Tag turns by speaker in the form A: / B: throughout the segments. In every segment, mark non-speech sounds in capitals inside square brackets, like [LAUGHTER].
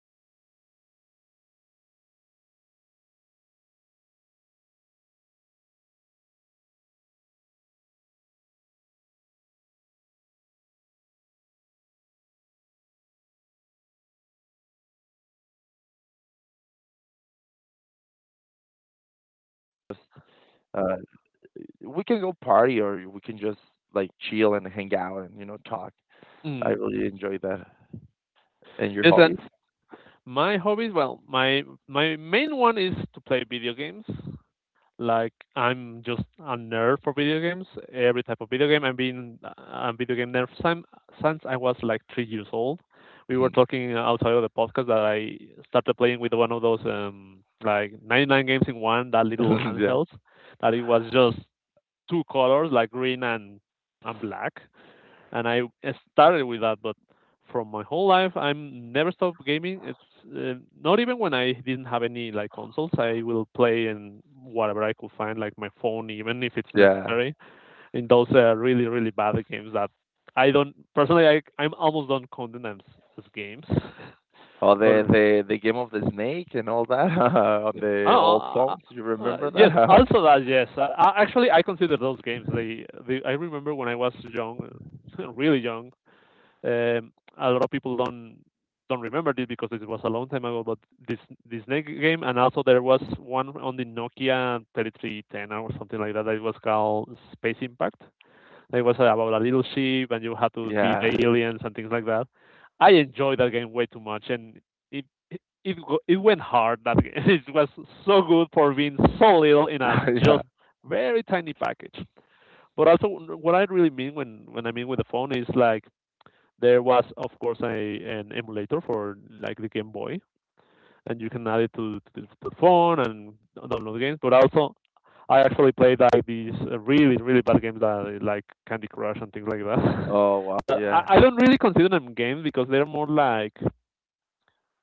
A: yeah,
B: I think it's more fun, to go and play and get sweaty and all dirty and,
A: mm,
B: feel your heart pumping. [LAUGHS]
A: mm.
B: I enjoy that really much, and I
A: Yeah,
B: I, I really enjoy as well, hang out with my friends. That is something that I really like. Like, just, uh, we can go party, or we can just, like, chill and hang out and, talk. I
A: mm.
B: really enjoy that. And your
A: Yes, and
B: hobbies?
A: my hobbies, well, my main one is to play video games. Like I'm just a nerd for video games, every type of video game. I've been a video game nerd since I was like 3 years old. We were talking outside of the podcast that I started playing with one of those like 99 games in one, that little
B: [LAUGHS] Yeah,
A: handheld, that it was just two colors, like green and black. And I started with that. But from my whole life, I'm never stopped gaming. It's not even when I didn't have any like consoles, I will play in whatever I could find, like my phone, even if it's
B: yeah.
A: necessary. And those are really really bad games that I don't personally, I'm almost don't count them as games. [LAUGHS]
B: Oh,
A: But
B: the game of the snake and all that, [LAUGHS] on
A: I
B: the
A: don't know,
B: old phones. You remember
A: yes,
B: that? [LAUGHS]
A: also that yes. Actually, I consider those games. They I remember when I was young, [LAUGHS] really young. Um, a lot of people don't remember this because it was a long time ago. But this this next game, and also there was one on the Nokia 3310 or something like that. That was called Space Impact. It was about a little ship, and you had to beat the
B: Yeah.
A: aliens and things like that. I enjoyed that game way too much, and it it it, it went hard. That [LAUGHS] game. It was so good for being so little in a
B: [LAUGHS] Yeah.
A: just very tiny package. But also, what I really mean when I mean with the phone is like there was, of course, an emulator for like the Game Boy, and you can add it to the, phone and download games. But also, I actually played like these really, really bad games that like Candy Crush and things like that.
B: Oh, wow.
A: [LAUGHS] I,
B: Yeah.
A: I don't really consider them games because they're more like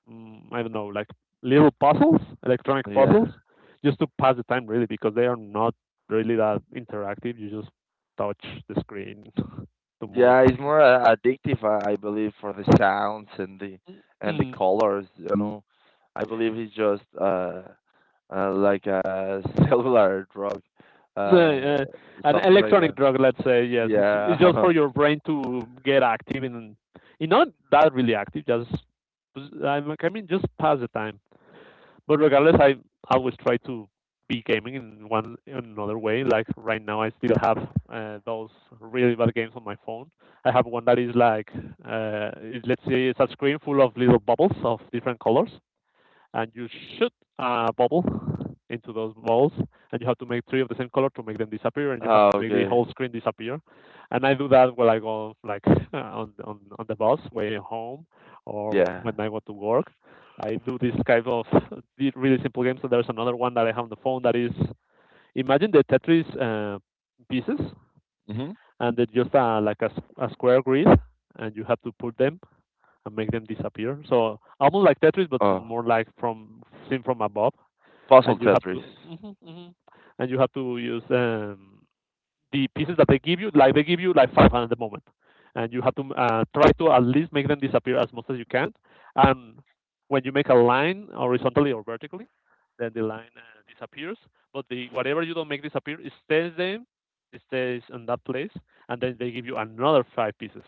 A: I don't know, like little puzzles, electronic
B: Yeah.
A: puzzles, just to pass the time really because they are not really that interactive. You just touch the screen [LAUGHS] to move
B: Yeah, it's
A: things.
B: more, addictive, I believe, for the sounds and the
A: Mm-hmm.
B: colors, you know. I believe it's just, like a [LAUGHS] cellular drug,
A: No,
B: uh,
A: uh, an
B: something like
A: electronic
B: that.
A: drug, let's say, yes. It's just
B: Yeah.
A: for
B: [LAUGHS]
A: your brain to get active and you not that really active, just I mean, just pass the time. But regardless, I always try to be gaming in one in another way. Like right now, I still have those really bad games on my phone. I have one that is like, let's say, it's a screen full of little bubbles of different colors, and you shoot a bubble into those balls, and you have to make three of the same color to make them disappear, and you have to
B: Ah,
A: make the
B: okay.
A: whole screen disappear. And I do that when I go like [LAUGHS] on the bus way home, or
B: Yeah.
A: when I go to work. I do this kind of really simple games. So there's another one that I have on the phone that is imagine the Tetris pieces,
B: Hmm.
A: and it's just like a square grid, and you have to put them and make them disappear. So almost like Tetris, but
B: Oh,
A: more like from seen from above
B: puzzle
A: and you have
B: Tetris.
A: to mhm, mhm. And you have to use the pieces that they give you, like they give you like 500 at the moment, and you have to try to at least make them disappear as much as you can. And when you make a line horizontally or vertically, then the line disappears. But the whatever you don't make disappear, it stays there, it stays in that place, and then they give you another five pieces,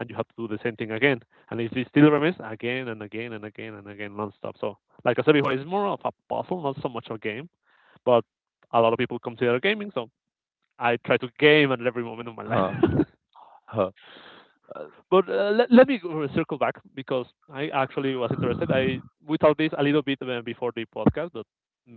A: and you have to do the same thing again. And if it still remains, again and again and again and again, nonstop. So, like I said before, it's more of a puzzle, not so much a game. But a lot of people consider gaming, so I try to game at every moment of my
B: Huh.
A: life.
B: Huh. Uh,
A: [LAUGHS] But let me circle back because I actually was interested. I we talked this a little bit before the podcast, but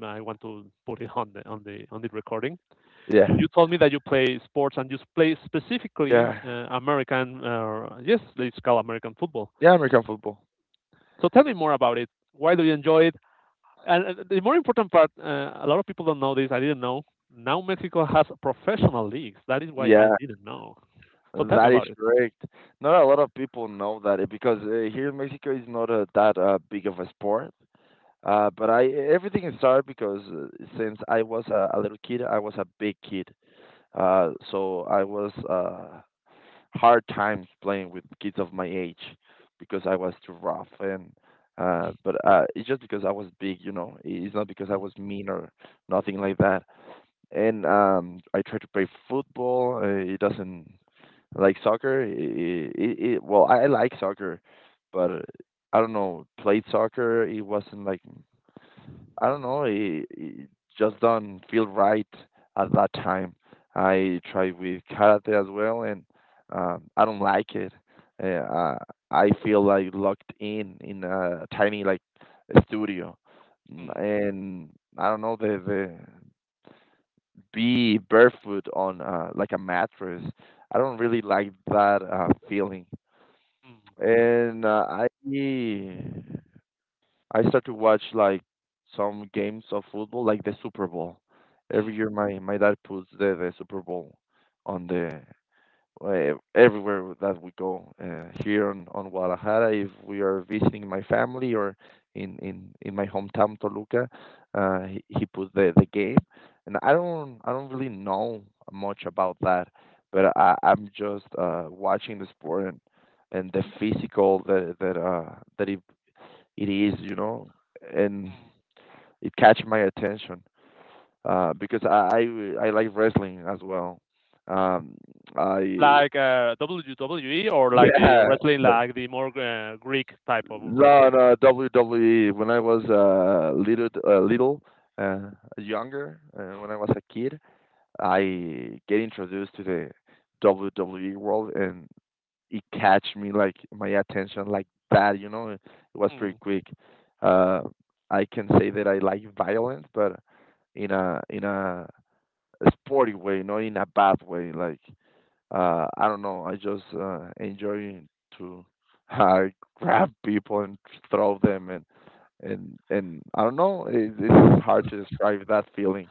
A: I want to put it on the on the recording.
B: Yeah,
A: You told me that you play sports and you play specifically
B: yeah,
A: American. Yes, it's called American football.
B: yeah, American football.
A: So tell me more about it. Why do you enjoy it? And the more important part, a lot of people don't know this. I didn't know. Now Mexico has professional leagues. That is why I
B: Yeah,
A: didn't know. So tell me
B: that is
A: about it.
B: correct. Not a lot of people know that, because, here in Mexico is not, that, big of a sport. But I, everything started because, since I was a little kid, I was a big kid. So I was, hard times playing with kids of my age because I was too rough and. But it's just because I was big, you know. It's not because I
A: Mm-hmm.
B: was mean or nothing like that. And, I try to play football. It doesn't like soccer. It Well, I like soccer, but, I don't know. Played soccer, it wasn't like, I don't know. It just don't feel right at that time. I tried with karate as well, and, I don't like it. Uh, uh, I feel like locked in a tiny, like, studio,
A: Mm,
B: and I don't know the be barefoot on, like a mattress. I don't really like that, feeling.
A: mm,
B: And, I start to watch, like, some games of football, like the Super Bowl. Every
A: mm,
B: year, my dad puts the Super Bowl on the everywhere that we go, here on Guadalajara. If we are visiting my family or in my hometown Toluca, he put the game, and I don't really know much about that, but I'm just, watching the sport and, the physical that, that it is, you know, and
A: mm.
B: it catch my attention, because I like wrestling as well. Um, I
A: Like WWE or like the
B: Yeah.
A: wrestling,
B: [LAUGHS]
A: like the more Greek type of
B: No,
A: wrestling.
B: no, WWE. When I was uh, younger, when I was a kid, I get introduced to the WWE world, and it catch me, like, my attention like that. You know, it was pretty
A: Mm.
B: quick. Uh, I can say that I like violence, but in a sporty way, not in a bad way. Like, I don't know. I just, enjoy to [LAUGHS] uh, grab people and throw them and I don't know. It's hard to describe that feeling.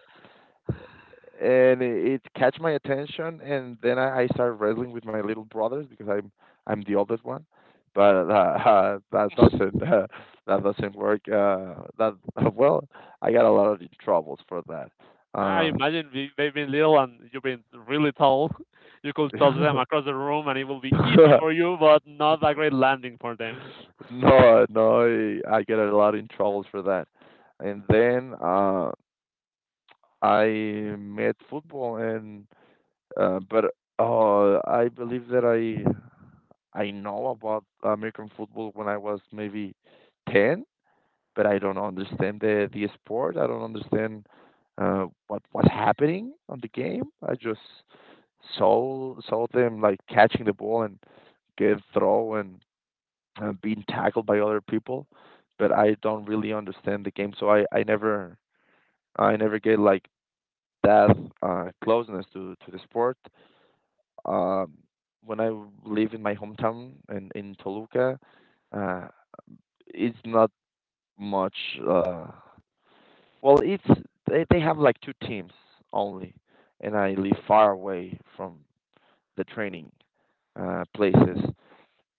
B: And it catch my attention, and then I started wrestling with my little brothers because I'm the oldest one. But [LAUGHS] that doesn't work. That [LAUGHS] well, I got a lot of troubles for that.
A: I imagine they've been little and you've been really tall. [LAUGHS] You could toss them
B: Uh,
A: across the room and it will be easy for
B: [LAUGHS]
A: you, but not a great landing for them.
B: No, no, I get a lot in troubles for that. And then, I met football, and but I believe that I know about American football when I was maybe 10, but I don't understand the sport. I don't understand, what was happening on the game.
A: Mm,
B: I just saw them, like, catching the ball and get throw and, being tackled by other people, but
A: mm,
B: I don't really understand the game, so I never get like that, closeness to the sport. Um, when I live in my hometown and in Toluca, uh, it's not much. Uh, well, it's they have, like, two teams only, and I live far away from the training, places.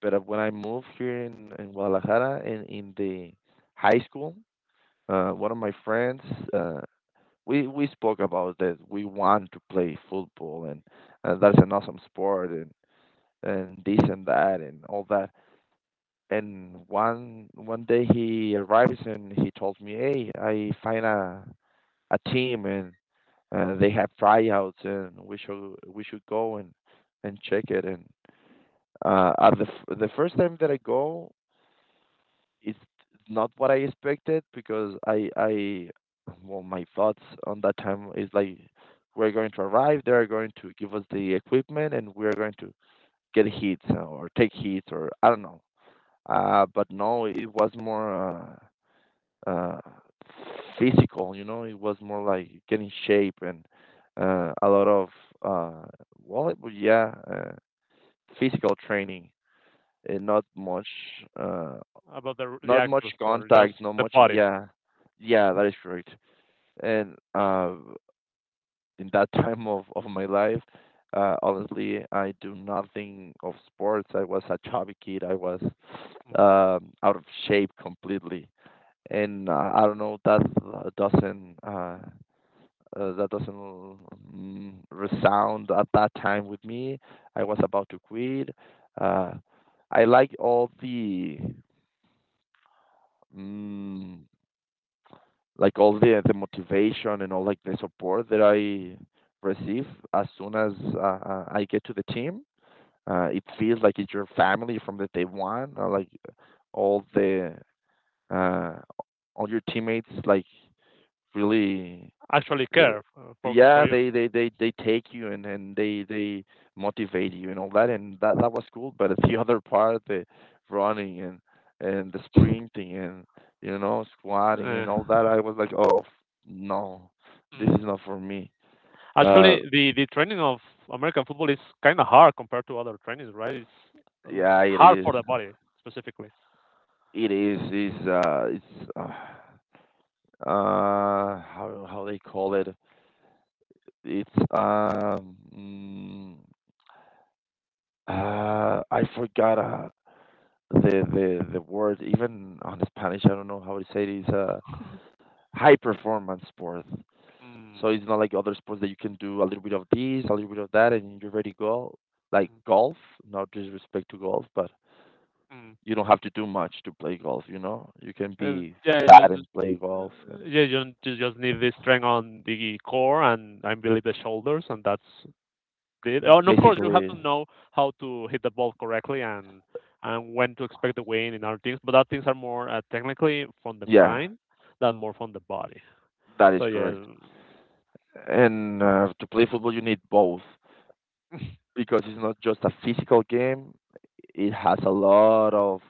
B: But when I moved here in Guadalajara in the high school, one of my friends, uh, we spoke about that we want to play football and, that's an awesome sport and this and that and all that. And one day he arrives and he told me, "Hey, I find a team and, they have tryouts and we should go and, check it." And, at the first time that I go, it's not what I expected, because I well, my thoughts on that time is like, we're going to arrive, they're going to give us the equipment and we're going to get hits, or take hits, or I don't know.
A: mm.
B: But no, it was more, uh uh physical, you know, it was more like getting shape and, a lot of, uh well, yeah, physical training and not much, uh
A: About the
B: not much
A: actual sport,
B: contact,
A: just
B: not
A: the
B: much.
A: body.
B: Yeah, yeah, that is correct. And, in that [LAUGHS] time of my life, honestly, I do nothing of sports. I was a chubby kid. I was,
A: Mm.
B: out of shape completely, and, I don't know. That doesn't, resound at that time with me. I was about to quit. Uh, I like all the. Mm, like all the motivation and all, like, the support that I receive as soon as, I get to the team. It feels like it's your family from the day one. Like all the uh, all your teammates, like, really,
A: Actually
B: uh,
A: care for for
B: yeah,
A: you.
B: they take you and, they motivate you and all that, and that was cool. But the [LAUGHS] other part, the running and, the sprinting and, squatting
A: Uh,
B: and all that, I was like, oh no, this is
A: mm.
B: not for me. Uh,
A: Actually, the training of American football is kind of hard compared to other trainings, right? It's uh,
B: yeah, it
A: hard
B: is.
A: for the body specifically.
B: It is. Is it's how they call it? It's, I forgot. The word, even on Spanish, I don't know how to say it, is a high performance sport.
A: Mm,
B: So it's not like other sports that you can do a little bit of this, a little bit of that, and you're ready to go. Like golf, not disrespect to golf, but
A: mm, mm.
B: you don't have to do much to play golf. You know, you can
A: Uh,
B: be
A: yeah, you
B: fat
A: just,
B: and play golf,
A: yeah, you, you just need the strength on the core and I believe the shoulders, and that's it. Oh,
B: and
A: and of course, you have
B: basically,
A: to know how to hit the ball correctly and when to expect the win and other things. But that things are more technically from the
B: yeah,
A: mind than more from the body.
B: that is
A: So yeah.
B: correct.
A: [LAUGHS]
B: And, to play football, you need both, because it's not just a physical game; it has a lot of,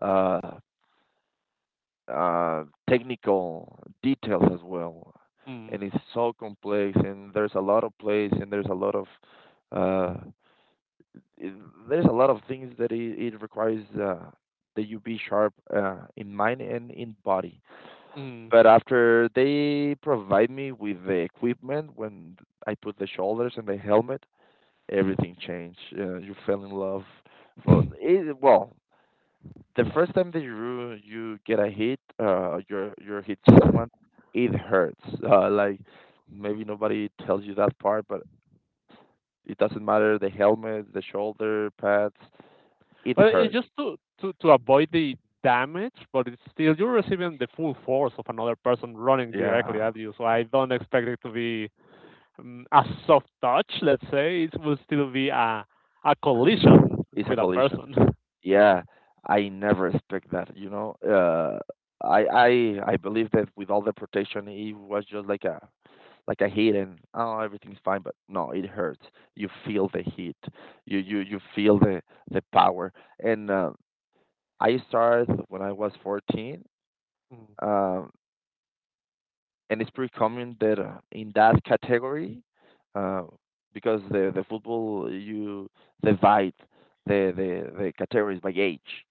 B: uh, uh, technical details as well,
A: Mm,
B: and it's so complex. And there's a lot of plays, and there's a lot of, uh, i- there's a lot of things that it requires, that you be sharp, in mind and in body.
A: mm.
B: But after they provide me with the equipment, when I put the shoulders and the helmet, everything changed. You fell in love. For it, well, the first time that you get a hit, you're hit someone, it hurts. Like, maybe nobody tells you that part, but it doesn't matter. The helmet, the shoulder pads, it
A: Well, it's
B: hurts.
A: just to to avoid the damage, but it's still you're receiving the full force of another person running directly
B: Yeah,
A: at you. So I don't expect it to be a soft touch. Let's say it will still be a collision
B: it's a
A: with a
B: collision.
A: person. [LAUGHS]
B: Yeah, I never expect that. I believe that with all the protection, it was just like a heat and oh, everything's fine, but no, it hurts. You feel the heat. You feel the power. And I started when I was 14. Um, and it's pretty common that in that category uh, because the football, you divide the categories by age.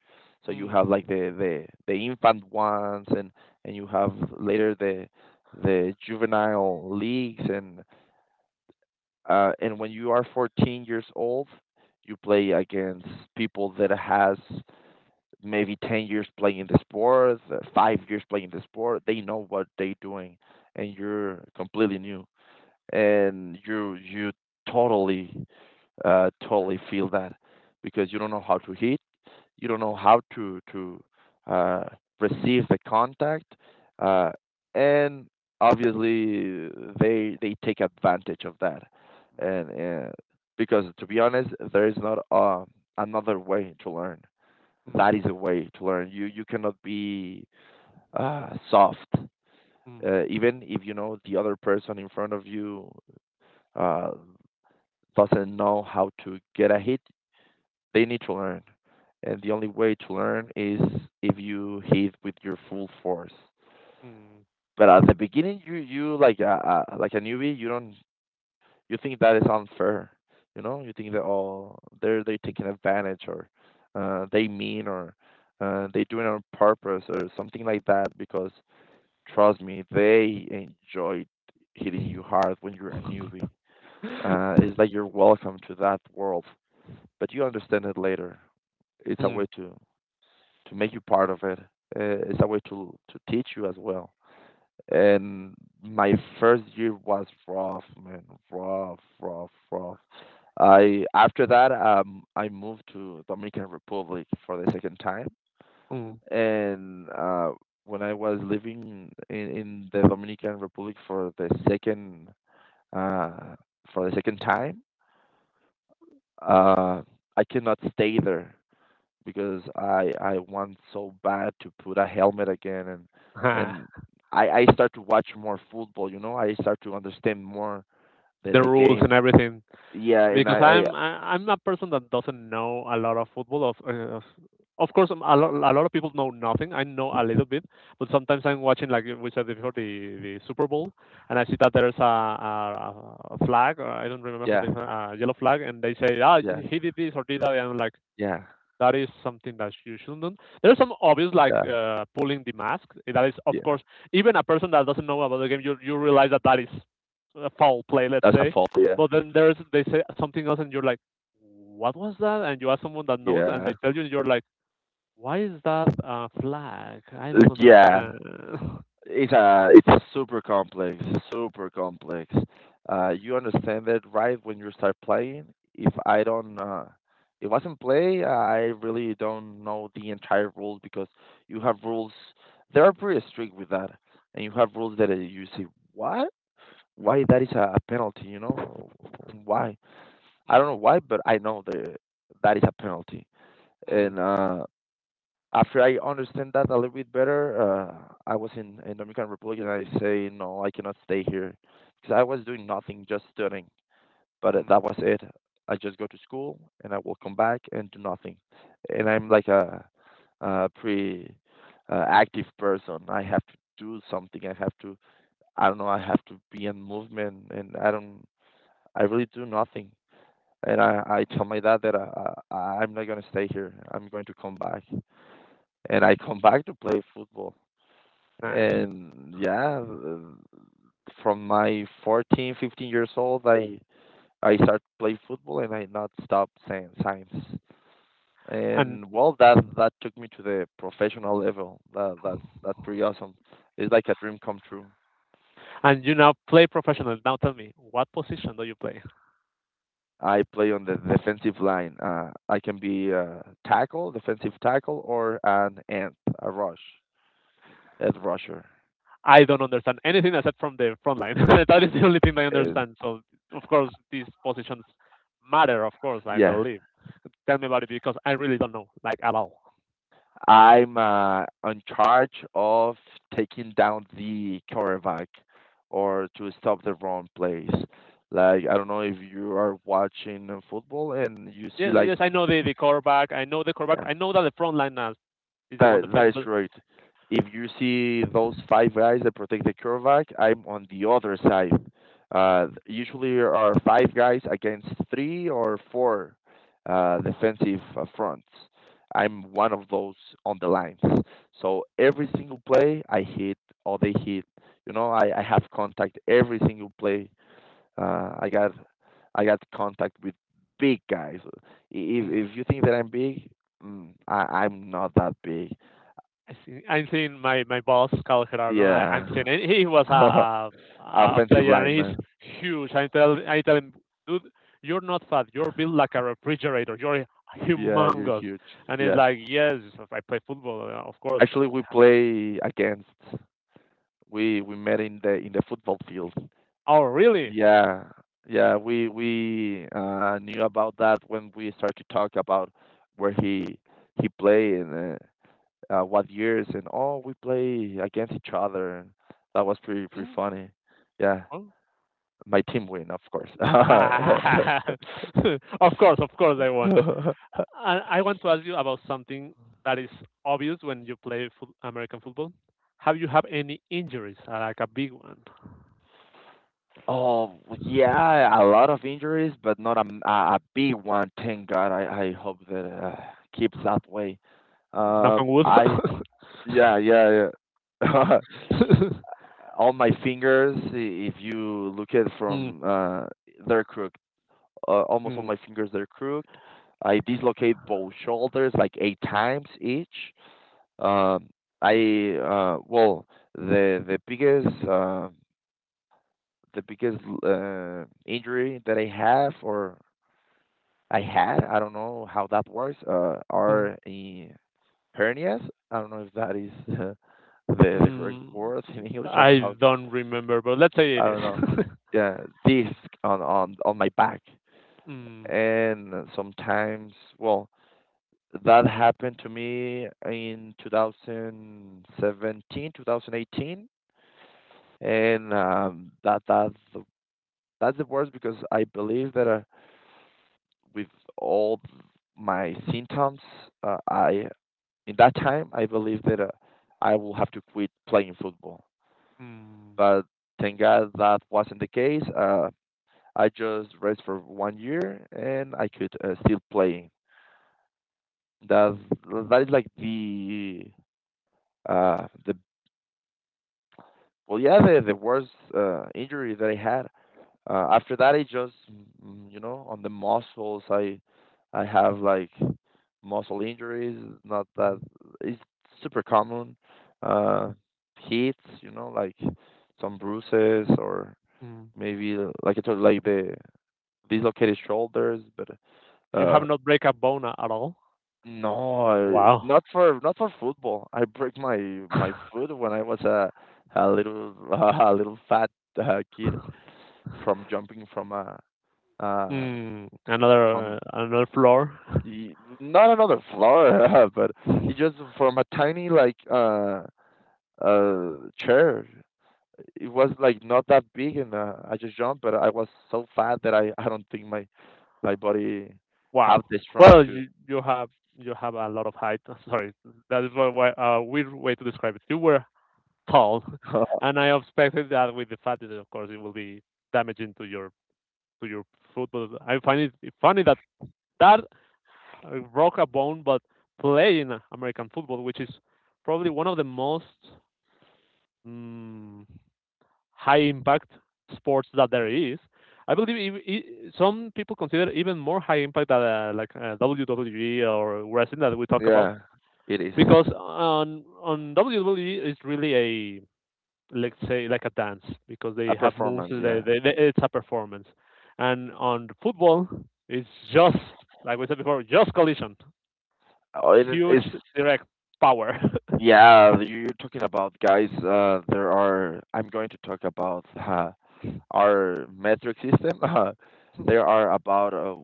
B: So
A: Mm,
B: you
A: mm,
B: have like the infant ones, and you have later the juvenile leagues. And And when you are 14 years old, you play against people that has maybe 10 years playing the sport, five
A: mm,
B: years playing the sport. They know what they're doing, and you're completely new, and you totally totally feel that, because you don't know how to hit, you don't know how to uh, receive the contact, uh, and obviously they take advantage of that. And Because to be honest, there is not another way to learn.
A: mm, mm,
B: That is a way to learn. You cannot be soft, even if you know the other person in front of you uh, doesn't know how to get a hit. They need to learn. And the only way to learn is if you hit with your full force.
A: mm, mm,
B: But at the beginning, you like a like a newbie, you don't you think that is unfair. You think that, oh, they're taking advantage, or they mean, or they doing it on purpose or something like that. Because trust me, they enjoy hitting you hard when you're a newbie. Uh,
A: mm,
B: it's like you're welcome to that world, but you understand it later. It's a way
A: [LAUGHS] mm,
B: to make you part of it. It's a way to teach you as well. And my first year was rough, man. Rough, rough, rough. I after that I moved to Dominican Republic for the second time.
A: mm.
B: And when I was living in the Dominican Republic for the second, uh, for the second time, uh, I cannot stay there because I want so bad to put a helmet again, and
A: Ha,
B: and I start to watch more football. I start to understand more the
A: the
B: the
A: rules
B: game.
A: and everything.
B: Yeah, and
A: Because
B: I,
A: I'm I'm a person that doesn't know a lot of football. Of course, a lot of people know nothing. I know a little bit, but sometimes I'm watching like we said before the Super Bowl, and I see that there's a flag. Or I don't remember how
B: yeah,
A: they a yellow flag, and they say ah
B: yeah,
A: he did this or did that, and I'm like
B: yeah,
A: that is something that you shouldn't do. There are some obvious like
B: yeah,
A: pulling the mask. That is, of
B: yeah.
A: course, even a person that doesn't know about the game, you realize that that is a foul play, let's
B: That's a
A: say.
B: fault. Yeah,
A: But then there's they say something else, and you're like, what was that? And you ask someone that knows, and
B: yeah.
A: they tell you, and you're like, why is that a flag? I don't
B: [LAUGHS] Yeah.
A: understand. [LAUGHS]
B: It's super complex, super complex. You understand that right when you start playing. If I don't, it wasn't play. I really don't know the entire rules because you have rules. They are pretty strict with that, and you have rules that you say, "What? Why that is a penalty? Why? I don't know why, but I know that that is a penalty."
A: Hmm, hmm,
B: And after I understand that a little bit better, I was in Dominican Republic and I say, "No, I cannot stay here because I was doing nothing, just studying. But
A: hmm,
B: that was it. I just go to school and I will come back and do nothing. And
A: hmm.
B: I'm like a, pretty active person. I have to do something. I have to, I don't know, I have to be in movement, and I don't, I really do nothing." And I tell my dad that I'm not going to stay here. I'm going to come back and I come back to play football.
A: Nice.
B: And, yeah, from my 14, 15 years old, I started play football and I not stopped since.
A: And
B: And, well, that took me to the professional level. That's pretty awesome. It's like a dream come true.
A: and you now play professional. Now tell me, what position do you play?
B: I play on the defensive line. I can be a tackle, defensive tackle, or an end, a rush, edge rusher.
A: I don't understand anything except from the front line. [LAUGHS] That is the only thing I
B: Is
A: understand. So of course these positions matter. Of course I
B: Yeah.
A: believe. Tell me about it because I really don't know like at all.
B: I'm in charge of taking down the quarterback or to stop the wrong plays. Like, I don't know if you are watching football and you see
A: Yes,
B: like,
A: yes I know the quarterback. I know the quarterback.
B: yeah.
A: I know that the front line is the one
B: That
A: defending,
B: is
A: but.
B: right. If you see those five guys that protect the quarterback, I'm on the other side. Usually are five guys against three or four defensive fronts. I'm one of those on the lines. So every single play I hit or they hit. I have contact every single play. Uh, I got I got contact with big guys. If
A: Mhm.
B: if you think that I'm big, I'm not that big.
A: I see. I'm seeing my, my boss, Carlos Gerardo. I'm
B: Yeah.
A: seeing it. He was
B: [LAUGHS]
A: a
B: Offensive
A: player and he's
B: lineman.
A: huge. I tell him, dude, you're not fat. You're built like a refrigerator. You're
B: Yeah, you're
A: humongous.
B: huge.
A: And he's
B: Yeah.
A: like, yes, I play football, of course.
B: Actually, we
A: [LAUGHS]
B: play against. We met in the football field.
A: Oh, really?
B: Yeah. Yeah, we knew about that when we started to talk about where he played, and what years, and, oh, we play against each other. That was pretty, pretty
A: Mm,
B: funny. Yeah,
A: oh.
B: my team win, of course.
A: Ah, [LAUGHS] of course, I won.
B: [LAUGHS]
A: I want to ask you about something that is obvious when you play foot, American football. Have you had any injuries, like a big one?
B: Oh, yeah, a lot of injuries, but not a big one. Thank God. I hope that keeps that way.
A: Knock on wood.
B: I Yeah, yeah, yeah.
A: [LAUGHS]
B: [LAUGHS] All my fingers, if you look at
A: Mm,
B: from, they're crooked. Almost all
A: mm,
B: my fingers they're crooked. I dislocate both shoulders like 8 times each. Um, I Well, the the biggest. Uh, the biggest injury that I have or I had, I don't know how that works,
A: mm,
B: are in hernias. I don't know if that is [LAUGHS] the correct
A: mm.
B: word in English. I don't know
A: I
B: how.
A: don't remember, but let's say it
B: I
A: is.
B: don't know. Yeah, disc on my back.
A: [LAUGHS] Mm,
B: And sometimes, well, that happened to me in 2017, 2018, and that's the worst because I believe that with all my symptoms, I in that time I believed that I will have to quit playing football.
A: mm,
B: But thank God that wasn't the case. I just rest for one year and I could still playing. That that is like the Well, yeah, the worst injury that I had. After that, I just, you know, on the muscles, I have like muscle injuries. Not that,
A: mm,
B: it's super common. Uh, hits, you know, like some bruises, or
A: mm.
B: maybe, like I told, like the dislocated shoulders. But
A: You
B: uh,
A: have not break a bone at all?
B: no,
A: Wow.
B: not for football. I break my
A: [LAUGHS]
B: foot when I was a little [LAUGHS] a little fat kid from jumping from uh
A: Mm, another
B: from
A: another floor.
B: y- not another floor. [LAUGHS] But it
A: [LAUGHS]
B: just from a tiny, like uh chair. It was like not that big, and I just jumped, but I was so fat that I don't think my body
A: Wow.
B: have the strong
A: Well,
B: to.
A: you you have a lot of height. [LAUGHS] Sorry, that is what why a weird way to describe it. You were tall, [LAUGHS]
B: [LAUGHS]
A: and I expected that with the fatness, of course, it will be damaging to your foot. But I find it funny that that broke a bone, but playing American football, which is probably one of the most mm, high impact sports that there is. I believe some people consider even more high impact than WWE or wrestling that we talk about
B: Yeah, it is
A: because on WWE it's really, a let's say, like a dance because they
B: a
A: have moves,
B: performance. Yeah.
A: it's a performance. And on football it's just like we said before, just collision,
B: Oh, it
A: huge
B: is.
A: direct power. [LAUGHS]
B: Yeah, you're talking about guys. There are I'm going to talk about our metric system. [LAUGHS] There are about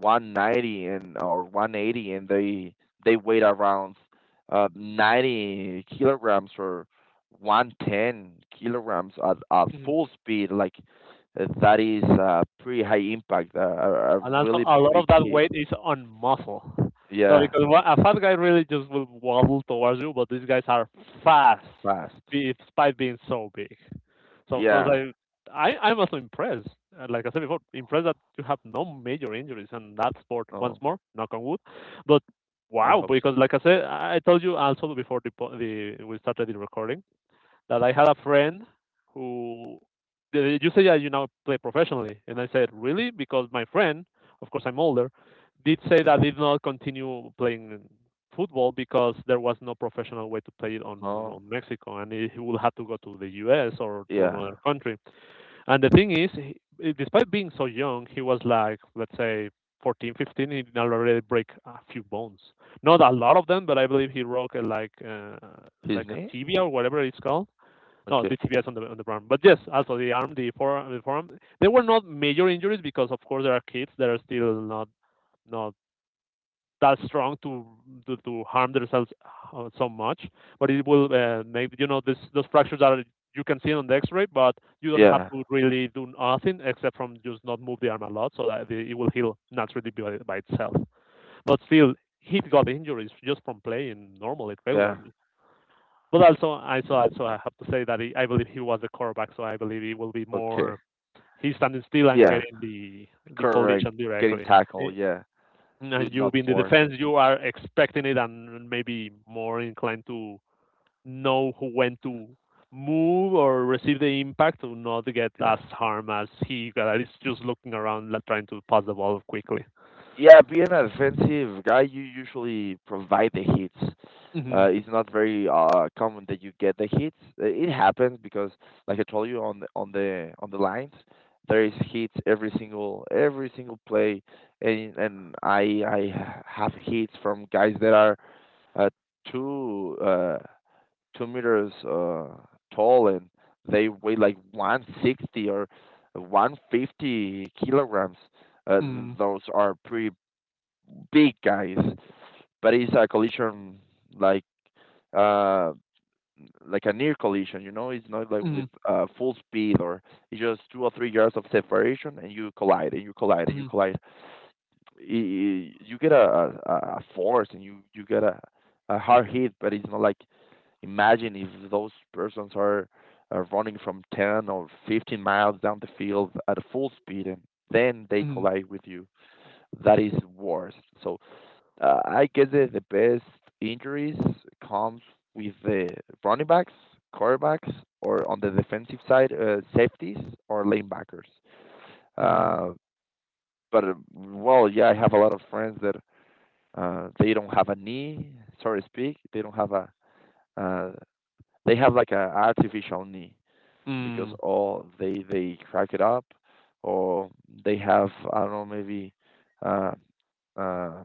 B: 190 and or 180, and they weigh around 90 kilograms or 110 kilograms at, full speed, like that is pretty high impact, a
A: And also
B: really
A: a lot of
B: big
A: that
B: hit.
A: weight is on muscle, so
B: Yeah.
A: because a fat guy really just will waddle towards you, but these guys are fast
B: Fast.
A: despite being so big. So of course
B: Yeah.
A: I'm also impressed. Like I said before, impressed that you have no major injuries in that sport. Once
B: Oh,
A: more, knock on wood. But
B: I
A: wow,
B: hope so.
A: because like I said, I told you also before the po- the we started the recording, that I had a friend who, you say that you now play professionally, and I said really? Because my friend, of course I'm older, did say that he did not continue playing football because there was no professional way to play it
B: Oh,
A: on Mexico, and he would have to go to the U.S. or to
B: yeah.
A: another country. And the thing is, he, despite being so young, he was, like let's say, 14, 15. He did already break a few bones, not a lot of them, but I believe he broke uh, like uh,
B: His
A: like a
B: name?
A: tibia or whatever it's called. No,
B: Okay.
A: the TBS on the arm. But yes, also the arm, the forearm. There were not major injuries because, of course, there are kids that are still not that strong to to harm themselves so much. But it will make, you know, this those fractures that are, you can see it on the X-ray, but you don't have
B: Yeah,
A: to really do nothing except from just not move the arm a lot, so that it will heal naturally by itself. But still, he got injuries just from playing normally,
B: yeah.
A: regularly. But also, I so also I have to say that he, I believe he was the quarterback, so I believe he will be
B: Okay.
A: more, he's standing still and
B: Yeah,
A: getting the
B: correct.
A: collision
B: Getting
A: directly. Eh,
B: tackled, yeah, with
A: And
B: not
A: you in the
B: force.
A: defense, you are expecting it and maybe more inclined to know who, when to move or receive the impact to not get
B: Yeah.
A: as harm as he that is just looking around, like, trying to pass the ball quickly.
B: Yeah, being an offensive guy, you usually provide the hits.
A: Mm-hmm.
B: It's not very common that you get the hits. It happens because, like I told you on the lines, there is hits every single play, and I have hits from guys that are uh, too 2 meters tall, and they weigh like 160 or 150 kilograms. Uh,
A: Mm-hmm.
B: those are pretty big guys, but it's a collision, like, uh, like a near collision. It's not like
A: Mm-hmm.
B: with full speed, or it's just 2 or 3 yards of separation, and you collide, and you collide, and you collide. You get a force, and you get a hard hit, but it's not like. Imagine if those persons are, running from 10 or 15 miles down the field at a full speed, and then they
A: Mm-hmm.
B: collide with you. That is worse. So I guess that the best injuries comes with the running backs, quarterbacks, or on the defensive side, safeties or linebackers.
A: Mm-hmm.
B: Uh, but well, yeah, I have a lot of friends that they don't have a knee, sorry to speak. They don't have a uh, they have like a artificial knee, because
A: Mm-hmm.
B: or they crack it up, or they have, I don't know, maybe uh, uh,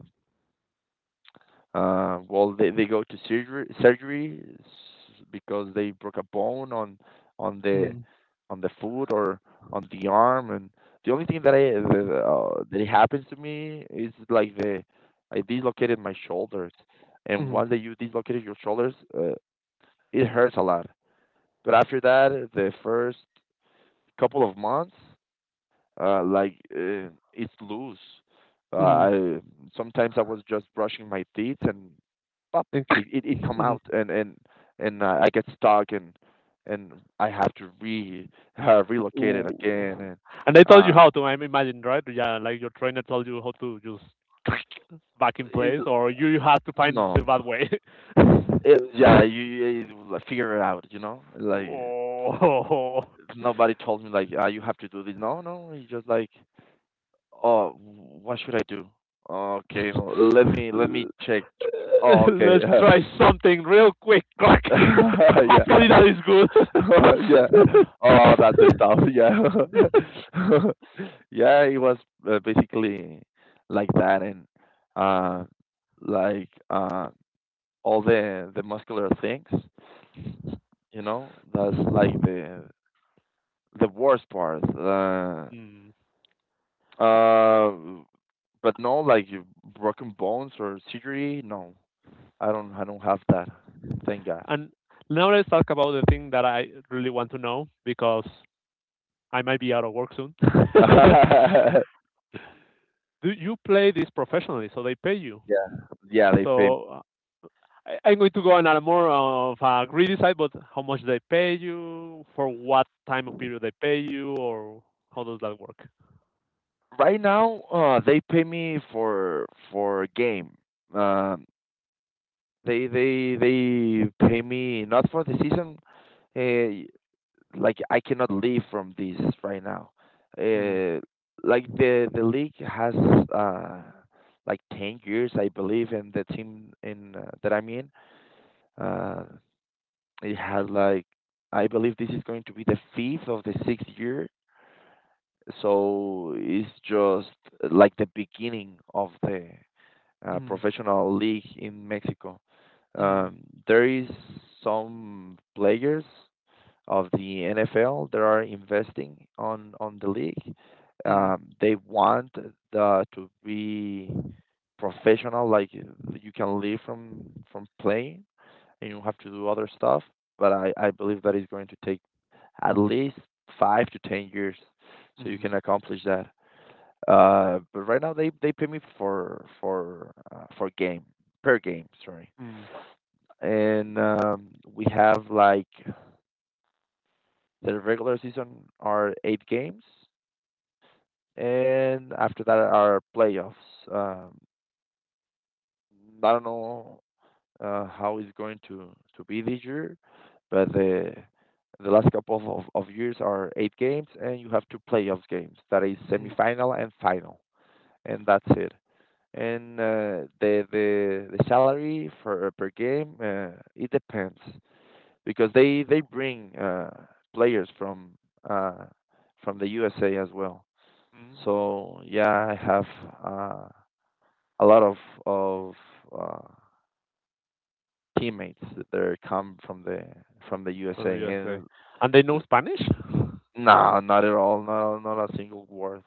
B: well, they go to surgery, because they broke a bone on on the on the foot or on the arm. And the only thing that that happens to me is like the I dislocated my shoulders. And
A: Mm-hmm.
B: once that you dislocated your shoulders, it hurts a lot. But after that, the first couple of months, it's loose.
A: Mm-hmm.
B: I Sometimes I was just brushing my teeth, and pop,
A: Thank you.
B: it come
A: Mhm.
B: out. And I get stuck, and I have to re [LAUGHS] relocate it
A: Ooh.
B: again. and
A: And they told you
B: uh,
A: how to, I imagine, right? Yeah, like your trainer told you how to just [LAUGHS] back in
B: it,
A: place, or you had to find the
B: no,
A: bad way.
B: it, yeah, you, you like, figure it out, like
A: [LAUGHS] Oh.
B: nobody told me like you have to do this. No, no, it's just like, oh, what should I do? Okay, no, let me
A: L-
B: check.
A: [LAUGHS]
B: Oh, okay.
A: Let's
B: [LAUGHS]
A: try something real quick, crack. [LAUGHS]
B: [LAUGHS] Yeah.
A: Hopefully that is good.
B: [LAUGHS] Yeah.
A: [LAUGHS]
B: Oh, that's the stuff. Yeah. [LAUGHS] Yeah, it was basically like that and uh like all the muscular things, you know? That's like the worst part.
A: Mm.
B: Uh but no like broken bones or surgery, no. I don't have that. Thank God.
A: And now let's talk about the thing that I really want to know, because I might be out of work soon. [LAUGHS]
B: [LAUGHS]
A: Do you play this professionally? So they pay you.
B: Yeah. Yeah, they pay.
A: So I'm going to go on a more of a greedy side, but how much they pay you, for what time of period they pay you, or how does that work?
B: Right now, they pay me for a game. Um, they pay me not for the season. Uh, like I cannot leave from this right now.
A: Mm,
B: Uh, like the league has uh like 10 years, I believe, and the team in that I'm in uh it has like, I believe, this is going to be the fifth of the sixth year, so it's just like the beginning of the
A: mm,
B: professional league in Mexico.
A: mm,
B: Um, there is some players of the NFL that are investing on the league.
A: mm,
B: They want the, to be professional, like you can live from playing, and you have to do other stuff. But I believe that is going to take at least 5 to 10 years, so you
A: mm,
B: can accomplish that. But right now they pay me for game per game, sorry.
A: mm,
B: And we have like the regular season are 8 games, and after that are playoffs. Um, I don't know how it's going to be this year, but the last couple of years are 8 games, and you have 2 playoffs games. That is
A: mm,
B: semifinal and final, and that's it. And the salary for per game it depends because they bring players uh, from the USA as well. So
A: mm.
B: yeah, I have uh, a lot of uh, teammates that they come from the USA,
A: From the USA.
B: and
A: And they know Spanish?
B: no, not at all. Not not a single worth.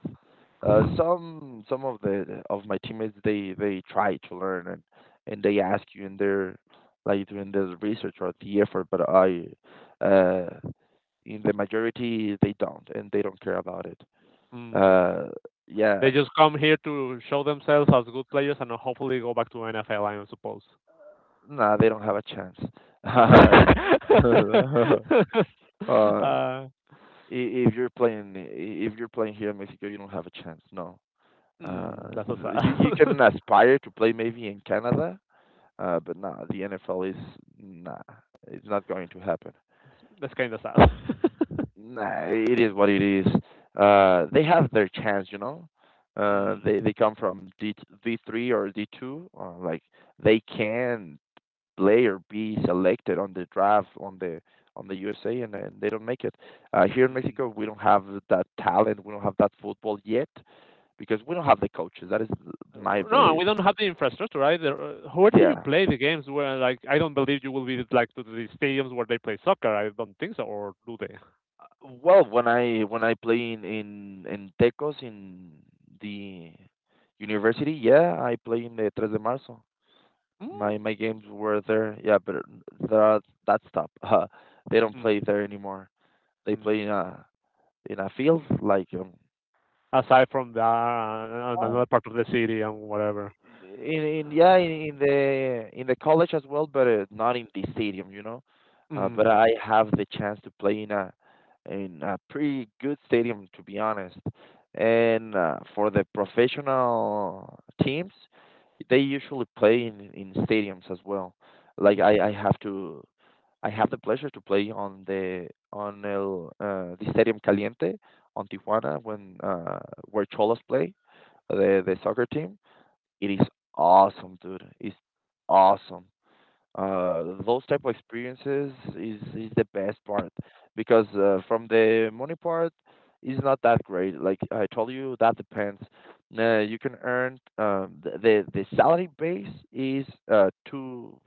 B: Some of the of my teammates they try to learn and they ask you, and they're like doing this research or the effort, but I uh in the majority they don't, and they don't care about it.
A: Mm.
B: Uh, yeah,
A: They just come here to show themselves as good players and hopefully go back to NFL, I suppose.
B: nah, they don't have a chance.
A: [LAUGHS]
B: [LAUGHS] [LAUGHS] Uh,
A: uh,
B: if you're playing here in Mexico, you don't have a chance. No. Uh,
A: that's so
B: you you
A: sad.
B: can
A: [LAUGHS]
B: aspire to play maybe in Canada, but nah, the NFL is, nah, it's not going to happen.
A: That's kind of sad. [LAUGHS]
B: Nah, it is what it is. They have their chance, you know.
A: Mm,
B: They come from D D3 or D2, like they can play or be selected on the draft on the USA, and they don't make it. Here in
A: mm.
B: Mexico, we don't have that talent, we don't have that football yet, because we don't have the coaches. That is my
A: No,
B: belief.
A: we don't have the infrastructure either. Where do you
B: Yeah.
A: play the games? Where, like, I don't believe you will be like to the stadiums where they play soccer. I don't think so, or do they?
B: Uh, well, when I play in Tecos in the university, yeah, I play in the Tres de Marzo.
A: Mm,
B: My games were there. Yeah, but that that stop. [LAUGHS] They don't
A: mm,
B: play there anymore. They play
A: mm.
B: in a field like
A: Aside from that, another part of the city and whatever.
B: in the college as well, but not in the stadium, you know. But
A: Mm,
B: I have the chance to play in a pretty good stadium, to be honest. And for the professional teams, they usually play in stadiums as well. Like
A: mm.
B: I I have to I have the pleasure to play on the on el the Stadium Caliente on Tijuana when where Cholas play the soccer team, it is awesome, dude. It's awesome. Those type of experiences is the best part because from the money part is not that great. Like I told you, that depends. You can earn the salary base is two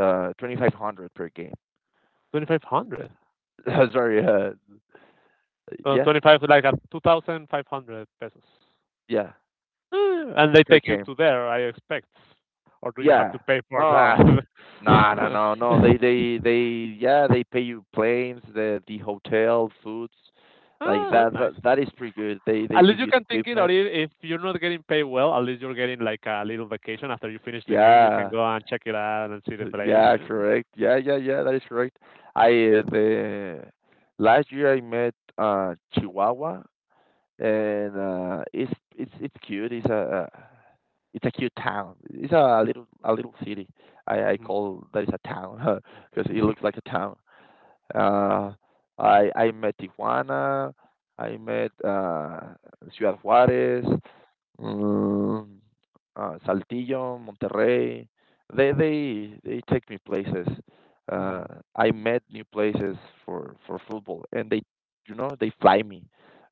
B: 2,500 per game.
A: 2,500.
B: [LAUGHS] Sorry, yeah,
A: 25, like, at two thousand five hundred pesos.
B: yeah,
A: And they
B: per
A: take you
B: game.
A: to there, I expect. Or do you have
B: Yeah.
A: to pay for
B: Oh.
A: that?
B: No, no, no, no.
A: [LAUGHS]
B: They, they. Yeah, they pay you planes, the hotel, foods, like
A: Oh, that's
B: that.
A: nice.
B: That that is pretty good. They
A: At least
B: give
A: you
B: you the
A: can think it, or
B: equipment.
A: I- if you're not getting paid well, at least you're getting like a little vacation after you finish the game. You can
B: Yeah,
A: go and check it out and see the
B: [LAUGHS]
A: place.
B: yeah,
A: Eh,
B: correct. Yeah, yeah, yeah. That is correct. I the last year I met Chihuahua, and it's cute. It's it's a cute town. It's a little city. I
A: mhm.
B: call that is a town [LAUGHS] because it
A: Mhm.
B: looks like a town. Uh, I met Tijuana. I met Ciudad Juárez, mm, Saltillo, Monterrey. They take me places. Uh,
A: Mhm.
B: I met new places for football, and they, you know, they fly me.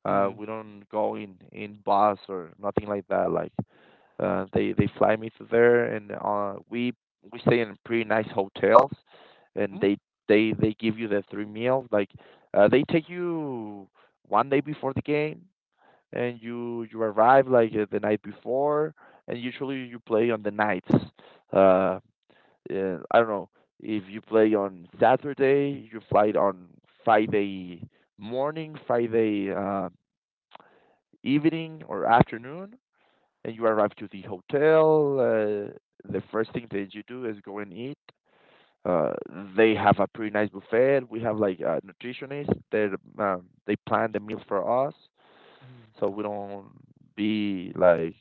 A: Mhm.
B: We don't go in bus or nothing like that. Like they fly me to there, and we stay in pretty nice hotels, and
A: Mhm.
B: they give you the 3 meals. Like they take you 1 day before the game, and you arrive like the night before, and usually you play on the nights. Uh, I don't know, if you play on Saturday, you fly on Friday morning, Friday evening or afternoon, and you arrive to the hotel. The first thing that you do is go and eat. Uh, they have a pretty nice buffet. We have like a nutritionist that they plan the meals for us, so
A: [LAUGHS]
B: we don't be like,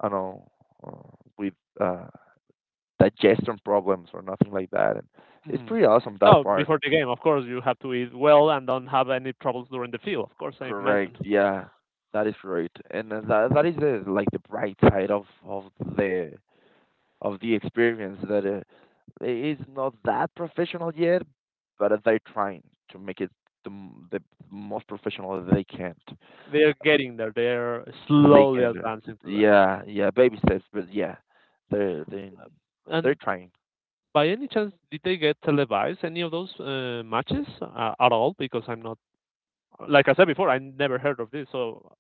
B: I don't know, with uh, digestion problems or nothing like that. And it's pretty awesome that
A: So
B: part.
A: before the game, of course, you have to eat well and don't have any troubles during the field. Of course, I
B: Correct.
A: imagine
B: Yeah, that is right. And that that is the like the bright side the of the experience that is not that professional yet, but they're trying to make it the, the most professional that they can.
A: they're getting there. They're
B: They
A: slowly
B: can,
A: advancing to that.
B: yeah, yeah, baby steps, but yeah, they're they they're
A: And
B: trying.
A: by any chance, did they get televised any of those matches at all? Because I'm not, like I said before, I never heard of this. So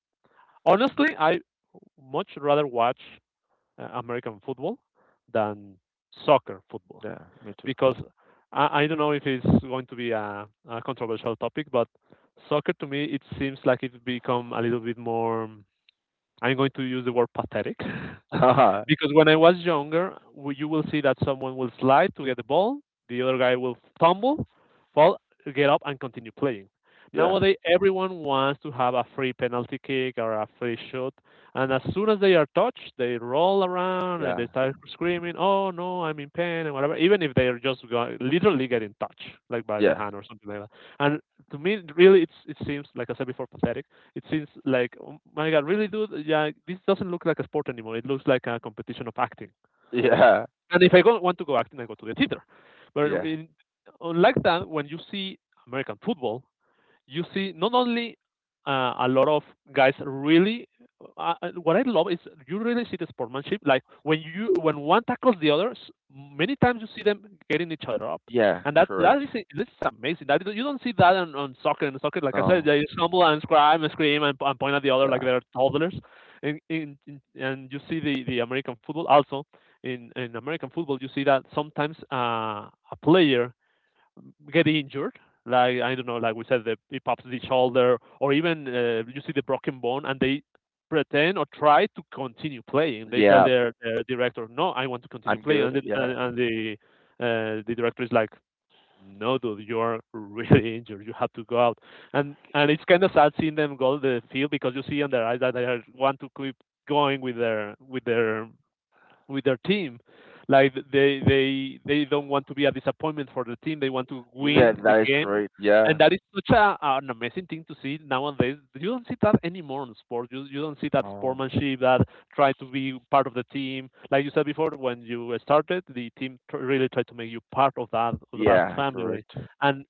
A: honestly, I much rather watch American football than soccer football,
B: Yeah, me too.
A: because I don't know if it's going to be a controversial topic, but soccer to me, it seems like it's become a little bit more, I'm going to use the word, pathetic. [LAUGHS]
B: [LAUGHS] yeah,
A: Because when I was younger, you will see that someone will slide to get the ball, the other guy will tumble, fall, get up, and continue playing.
B: yeah,
A: Nowadays, everyone wants to have a free penalty kick or a free shot, and as soon as they are touched, they roll around and they start screaming, "Oh no, I'm in pain" and whatever. Even if they are just literally getting touched, like by the
B: yeah,
A: hand or something like that. And to me, really, it's, it seems like I said before, pathetic. It seems like, oh my God, really, dude? Yeah, this doesn't look like a sport anymore. It looks like a competition of acting.
B: yeah,
A: And if I go, want to go acting, I go to the theater. But
B: yeah,
A: unlike that, when you see American football, you see not only a lot of guys really, what I love is you really see the sportsmanship, like when you when one tackles the others, many times you see them getting each other up.
B: yeah.
A: And that that
B: Correct.
A: is this is amazing, that you don't see that on soccer. In soccer, like I said,
B: No.
A: they stumble and scream and scream, and point at the other like
B: Yeah.
A: they're toddlers. And you see the American football. Also in American football, you see that sometimes a player get injured. Like, I don't know, like we said, he pops the shoulder, or even you see the broken bone, and they pretend or try to continue playing. They tell
B: Yeah.
A: their director, "No, I want to continue
B: I'm
A: playing,"
B: good. Yeah.
A: and the the director is like, "No, dude, you are really [LAUGHS] injured. You have to go out." And it's kind of sad seeing them go to the field, because you see in their eyes that want to keep going with their with their with their team. Like, they don't want to be a disappointment for the team. They want to
B: Yeah,
A: win the
B: that is
A: game,
B: correct.
A: and
B: Yeah.
A: that is such a, an amazing thing to see. Nowadays you don't see that anymore in sports. You don't see that
B: No.
A: sportsmanship, that try to be part of the team. Like you said before, when you started, the really tried to make you part of that
B: Yeah.
A: family,
B: Correct.
A: and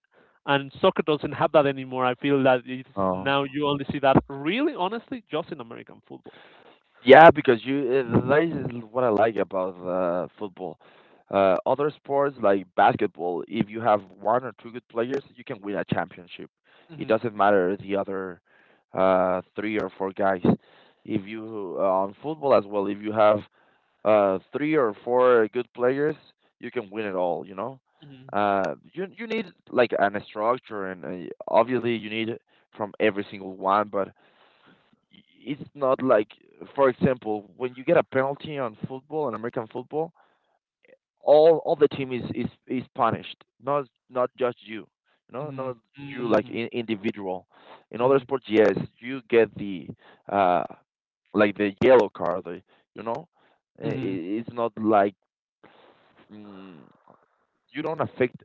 A: and soccer doesn't have that anymore. I feel that it's
B: No.
A: now, you only see that really, honestly, just in American football.
B: Yeah, because you that is what I like about football. Other sports like basketball, if you have one or two good players, you can win a championship. It
A: Hmm.
B: doesn't matter the other three or four guys. If you on football as well, if you have three or four good players, you can win it all. You know,
A: Hmm.
B: you you need like an structure, and obviously you need from every single one, but it's not like, for example, when you get a penalty on football, on american football, all the team is is punished, not just you, you know,
A: Hmm.
B: not you like
A: Hmm.
B: in, individual in other
A: Mhm,
B: sports. Yes, you get the uh like the yellow card, you know.
A: mhm,
B: It's not like, mm, you don't affect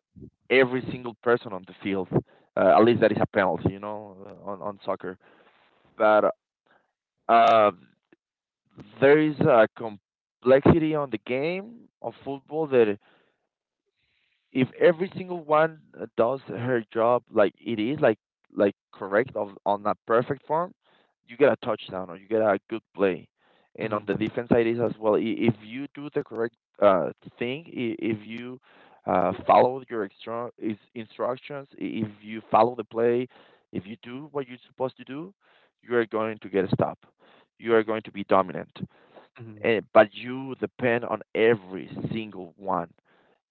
B: every single person on the field, at
A: mhm,
B: least that is a penalty, you know, on soccer. But uh there is a complexity on the game of football that if every single one does her job like it is like correct of, on that perfect form, you get a touchdown or you get a good play. And on
A: mhm,
B: the defense side is as well. I- If you do the correct uh, thing, if you follow your extra is instructions, if you follow the play, if you do what you're supposed to do, you are going to get a stop. You are
A: mhm,
B: going to be dominant,
A: mhm,
B: eh, but you depend on every single one.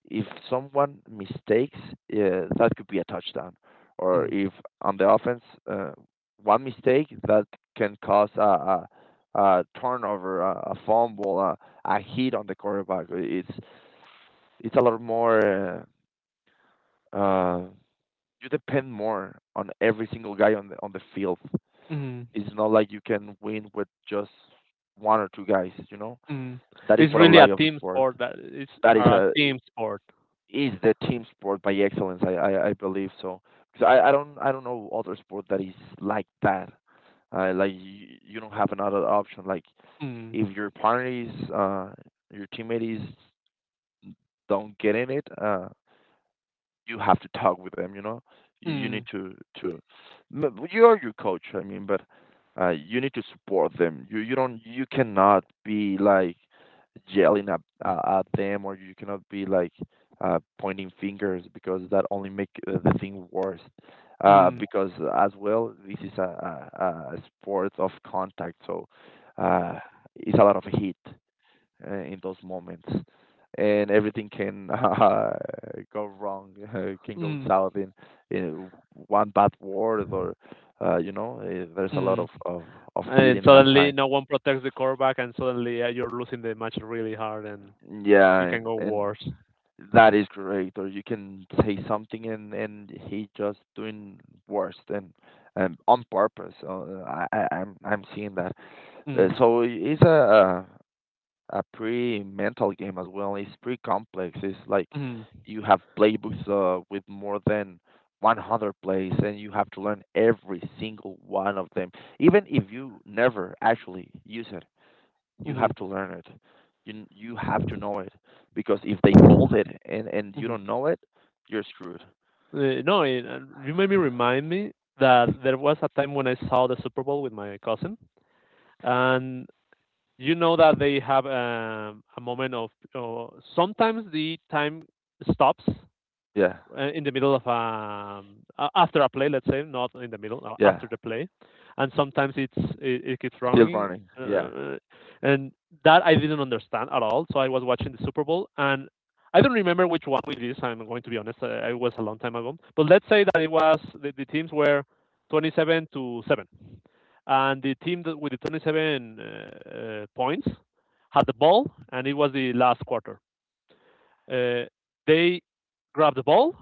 B: If someone mistakes, that could be a touchdown, or
A: mhm,
B: if on the offense, uh, one mistake that can cause a turnover, a fumble, a hit on the quarterback. It's a lot more. Uh, uh, you depend more on every single guy on the field.
A: mhm,
B: It's not like you can win with just one or two guys. You know
A: mhm.
B: that is
A: It's
B: what I
A: really a
B: like of the
A: team
B: sport.
A: sport. That, it's
B: That is
A: a
B: a
A: team sport.
B: Is the team sport by excellence. I believe so. 'Cause I don't know other sport that is like that. Like you don't have another option. Like
A: Mm,
B: if your partner is your teammate is don't get in it. You have to talk with them. You know, you
A: mm,
B: need to to you are your coach. I mean, but you need to support them. You don't you cannot be like yelling at them, or you cannot be like pointing fingers because that only make the thing worse. Uh,
A: mm,
B: because as well, this is a sport of contact, so uh, it's a lot of heat in those moments, and everything can [LAUGHS] go wrong, [LAUGHS] can go
A: mm,
B: south in one bad word, or there's a lot
A: mm.
B: of heat
A: And
B: in that
A: suddenly
B: time.
A: no one protects the quarterback, and suddenly you're losing the match really hard, and it
B: Yeah,
A: can go
B: and
A: worse.
B: that is correct. Or you can say something and he just doing worse than on purpose. So, I'm seeing that. Uh,
A: Mm,
B: so it's a pretty mental game as well. It's pretty complex. It's like
A: mm,
B: you have playbooks with more than 100 plays, and you have to learn every single one of them. Even if you never actually use it, you
A: mhm,
B: have to learn it. You have to know it because if they called it and you
A: mhm.
B: don't know it, you're screwed.
A: No, you made me remind me that there was a time when I saw the Super Bowl with my cousin, and you know that they have a moment of, sometimes the time stops
B: Yeah,
A: in the middle of, after a play, let's say, not in the middle,
B: yeah.
A: after the play, and sometimes it keeps
B: Still
A: running.
B: running. Yeah,
A: Uh, and that I didn't understand at all, so I was watching the Super Bowl, and I don't remember which one it is, I'm going to be honest, it was a long time ago, but let's say that it was, the teams were 27 to 7, and the team that with the 27 points had the ball, and it was the last quarter. Uh, they grabbed the ball,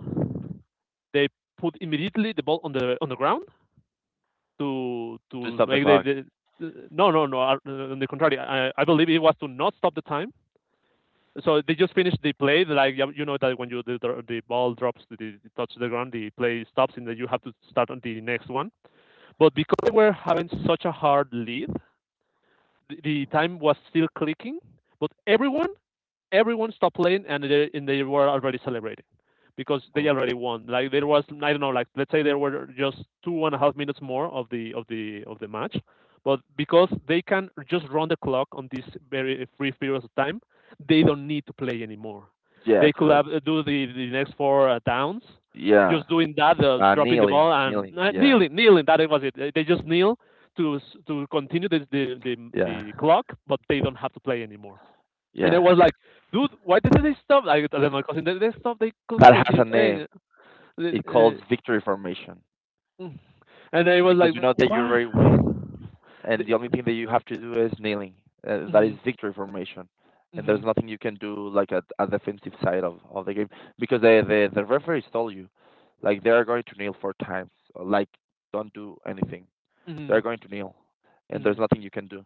A: they put immediately the ball on the ground to
B: to
A: to
B: stop the
A: make
B: clock.
A: the no no no on the contrary, I believe it was to not stop the time, so they just finished the play. Like, yeah, you know that when you the ball drops, the touch the ground, the play stops, and then you have to start on the next one. But because they were having such a hard lead, the time was still clicking, but everyone stopped playing, and they were already celebrating because they
B: Oh,
A: already won. Like, there was, I don't know, like, let's say there were just 2.5 minutes more of the match, but because they can just run the clock on this very brief period of time, they don't need to play anymore.
B: yeah,
A: They could have
B: correct.
A: do the next four downs,
B: Yeah.
A: just doing that, dropping the ball
B: Kneeling,
A: and
B: kneeling. Yeah,
A: kneeling, kneeling. That was it. They just kneel to to continue
B: yeah,
A: the clock, but they don't have to play anymore. And I
B: yeah.
A: was like, dude, why did they stop? I tell my cousin, they stopped. They could
B: That has
A: continue
B: a
A: playing.
B: name. It
A: Uh,
B: calls victory formation
A: [SIGHS] and I was
B: because
A: like,
B: you know that you already win,
A: what?
B: and the
A: The,
B: only thing that you have to do is kneeling. That is
A: mm,
B: victory formation, and there's
A: mm,
B: nothing you can do like at a defensive side of the game because the referees told you, like they are going to kneel four times. Like don't do anything. They
A: mm,
B: are going to kneel, and there's
A: mm.
B: nothing you can do.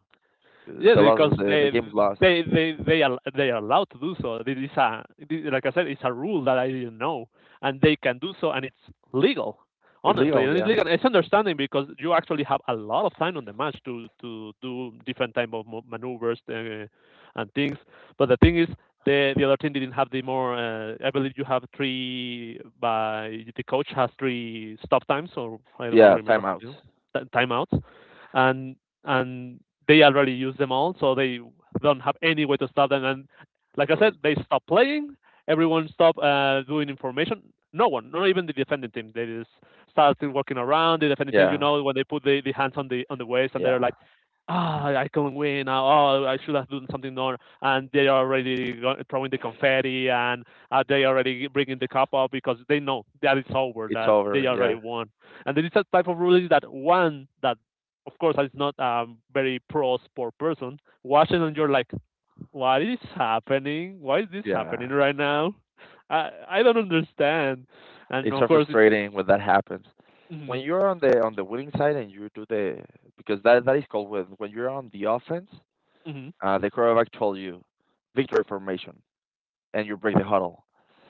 A: Yes,
B: The lo-
A: because
B: the
A: they
B: game's lost.
A: they they they are, they are allowed to do so. This is a like I said, it's a rule that I didn't know, and they can do so, and it's legal.
B: It's
A: Honestly,
B: legal,
A: and it's
B: yeah.
A: legal. It's understanding because you actually have a lot of time on the match to do different type of maneuvers and things. But the thing is, the other team didn't have the more. I believe you have three, by the coach has three stop times, or I don't know,
B: Yeah,
A: remember how
B: timeout.
A: they do timeouts, and and they already use them all, so they don't have any way to stop them. And like I said,
B: Correct.
A: they stop playing. Everyone stopped doing information. No one, not even the defending team. They just started working around the defending team. You
B: Yeah,
A: know, when they put the hands on the waist and they're
B: yeah.
A: like, ah, oh, I can win. Ah, oh, I should have done something more. And they are already throwing the confetti, and they are already bringing the cup up because they know that it's over,
B: It's
A: that
B: over.
A: they already
B: Yeah,
A: won. And this a type of ruling that one that, of course, I'm not a very pro sport person. Watching and you're like, what is happening? Why is this happening
B: yeah.
A: right now? I don't understand. And
B: It's
A: of
B: surface
A: course, it's
B: trading when that happens.
A: mm,
B: When you're on the winning side and you do the because that is called when you're on the offense,
A: mm,
B: the quarterback told you victory formation and you break the huddle.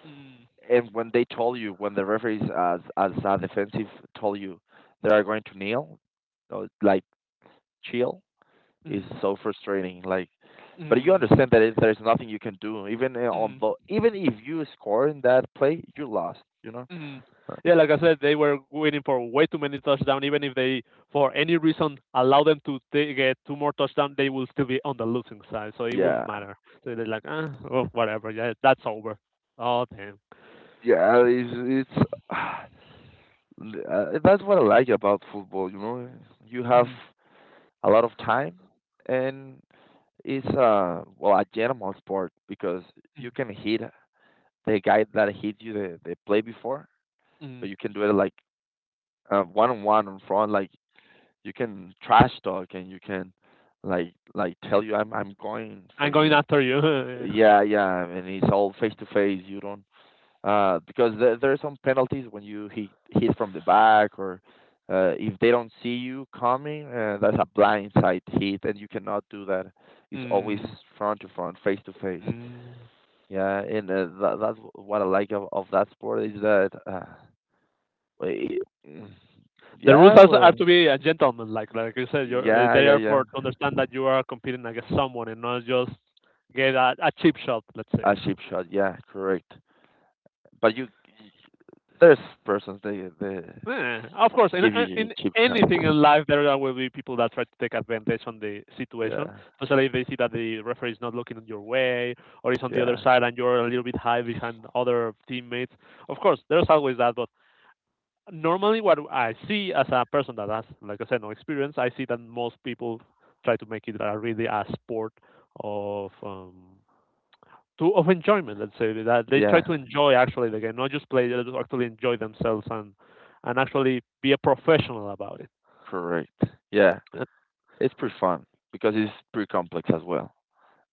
A: mm,
B: And when they told you when the referees as a defensive told you they are going to kneel, or, like chill is
A: mm,
B: so frustrating. Like, but you
A: mm,
B: understand that there's nothing you can do. Even on
A: mm,
B: the even if you score in that play, you lost. You know.
A: mm.
B: Uh,
A: yeah. Like I said, they were waiting for way too many touchdowns. Even if they, for any reason, allow them to get two more touchdowns, they will still be on the losing side, so it
B: Yeah.
A: won't matter. So they're like, ah, oh, whatever. Yeah, that's over. Oh damn.
B: Yeah, it's [SIGHS] uh, that's what I like about football. You know, you have
A: Mm,
B: a lot of time, and it's well a general sport because
A: mm,
B: you can hit the guy that hit you the play before,
A: mm.
B: but you can do it like one on one in front. Like you can trash talk and you can like tell you I'm going for
A: I'm going
B: you. And
A: after you. [LAUGHS]
B: yeah, yeah, and it's all face to face. You don't because there are some penalties when you hit from the back or if they don't see you coming, that's a blindside hit, and you cannot do that. It's always
A: mm,
B: front to front, face to face.
A: mm.
B: Yeah, and that's what I like of that sport is that, it-
A: The rules
B: yeah,
A: are to
B: well,
A: be a gentleman, like you said. You're
B: yeah,
A: they
B: yeah,
A: are
B: yeah,
A: for to understand that you are competing against someone and not just get a cheap shot. Let's say.
B: a cheap shot, yeah, correct. But you, there's persons they
A: Yeah, of course,
B: give you
A: in
B: cheap
A: anything
B: shots.
A: in life, there are- will be people that try to take advantage on the situation,
B: Yeah,
A: especially if they see that the referee is not looking your way or is on the other
B: yeah,
A: side and you're a little bit high behind other teammates. Of course, there's always that, but normally what I see as a person that has, like I said, no experience, I see that most people try to make it a, really a sport of to of enjoyment. Let's say that they try to
B: yeah,
A: enjoy actually the game, not just play, they just actually enjoy themselves and actually be a professional about it
B: correct. Yeah.
A: uh,
B: It's pretty fun because it's pretty complex as well.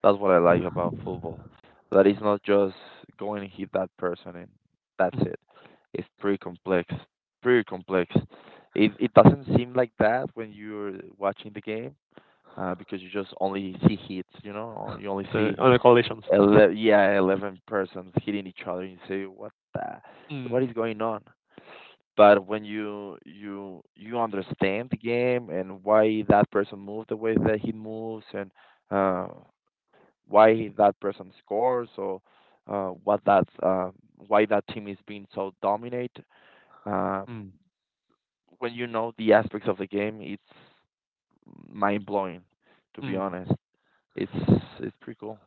B: That's what I like about football. That it's not just going and hit that person and that's
A: mm,
B: it. It's pretty complex. Pretty complex. It doesn't seem like that when you're watching the game because you just only see hits. You know, or you only see
A: on the collisions.
B: yeah 11 persons hitting each other. And you say, what the,
A: Mm,
B: what is going on? But when you understand the game and why that person moves the way that he moves and uh, why that person scores or what that why that team is being so dominant, uh,
A: mm,
B: when you know the aspects of the game, it's mind blowing. To be
A: mm.
B: honest, it's it's pretty cool.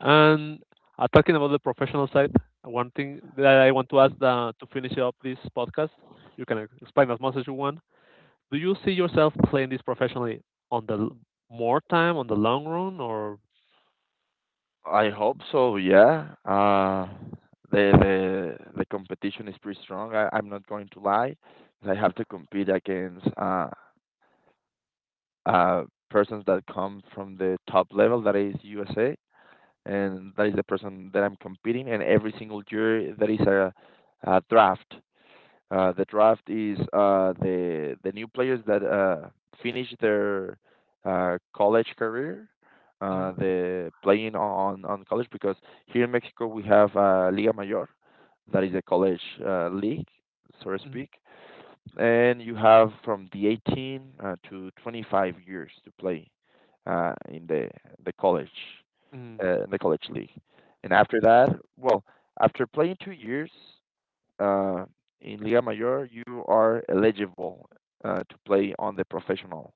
A: And talking about the professional side, one thing that I want to ask to finish up this podcast, you can explain as much as you want, do you see yourself playing this professionally on more time on the long run or
B: I hope so. Yeah. The competition is pretty strong. I'm not going to lie. I have to compete against uh, persons that come from the top level, that is USA, and that is the person that I'm competing. And every single year there is a draft the draft is the new players that finish their college career,
A: mm,
B: the playing on college because here in Mexico we have Liga Mayor, that is a college league, so to
A: mm,
B: speak, and you have from the 18 to 25 years to play in the college
A: mm,
B: in the college league, and after that, well, after playing 2 years uh, in Liga Mayor, you are eligible to play on the professional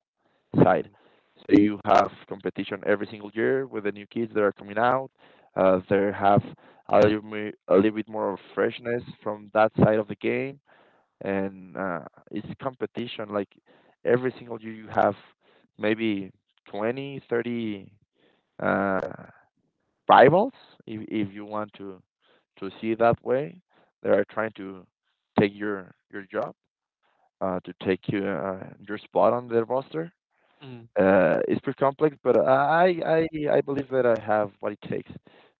B: side.
A: mm,
B: So you have competition every single year with the new kids that are coming out. They have a little bit more of freshness from that side of the game, and it's competition. Like every single year, you have maybe 20, 30. uh, rivals, if you want to see it that way. They are trying to take your job, your spot on their roster.
A: mm,
B: It's pretty complex, but I believe that I have what it takes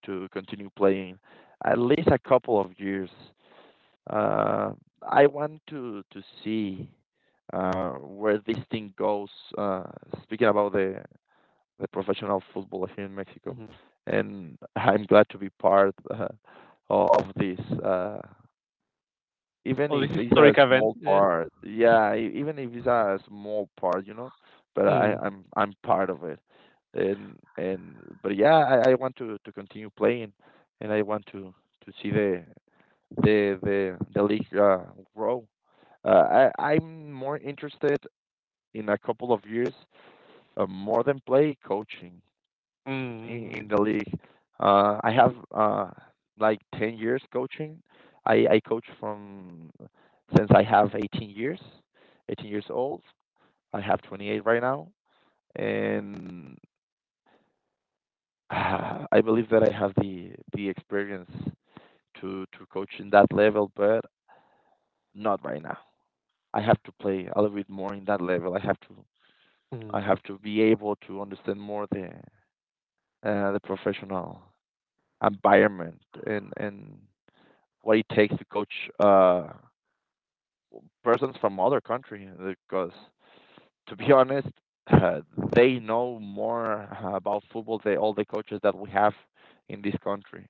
B: to continue playing at least a couple of years. Uh, I want to see where this thing goes. Uh, speaking about the professional football here in Mexico,
A: mm.
B: and [LAUGHS] I'm glad to be part of this. Even
A: or
B: if
A: this
B: it's a
A: historic event.
B: small
A: Yeah.
B: part, yeah, even if it's a small part, you know, but
A: mm,
B: I'm part of it, and but yeah, I want to continue playing, and I want to see the league grow. I'm more interested in a couple of years more than play coaching
A: mm, mm,
B: in the league. I have like 10 years coaching. I coach from since I have 18 years, 18 years old. I have 28 right now, and [SIGHS] I believe that I have the experience to coach in that level, but not right now. I have to play a little bit more in that level. I
A: mm,
B: have to be able to understand more the professional environment and what it takes to coach persons from other country because [LAUGHS] to be honest [LAUGHS] uh, they know more about football than all the coaches that we have in this country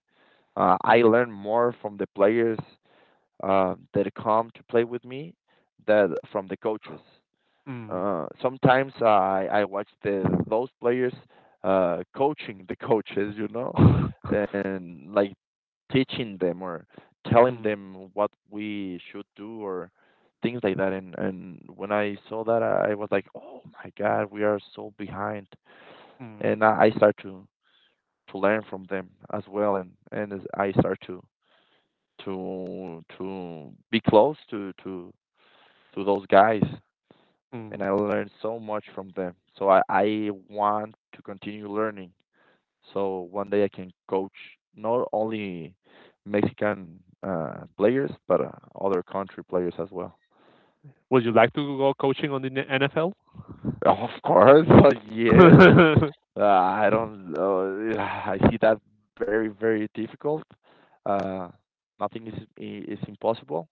B: I
A: mm,
B: learn more from the players that come to play with me than from the coaches
A: mm,
B: sometimes I watch the those players coaching the coaches, you know,
A: [LAUGHS]
B: and like teaching them or telling
A: mm,
B: them what we should do or things like that. And when I saw that, I was like, oh my God, we are so behind.
A: mm,
B: And I start to learn from them as well, and as I start to to be close to those guys and
A: mm.
B: I learned so much from them. So I want to continue learning. So one day I can coach not only Mexican players, but other country players as well.
A: Would you like to go coaching on the NFL?
B: Of course, [LAUGHS] yes.
A: [LAUGHS]
B: I don't. [SIGHS] I see that very, very difficult. Uh, nothing is is impossible.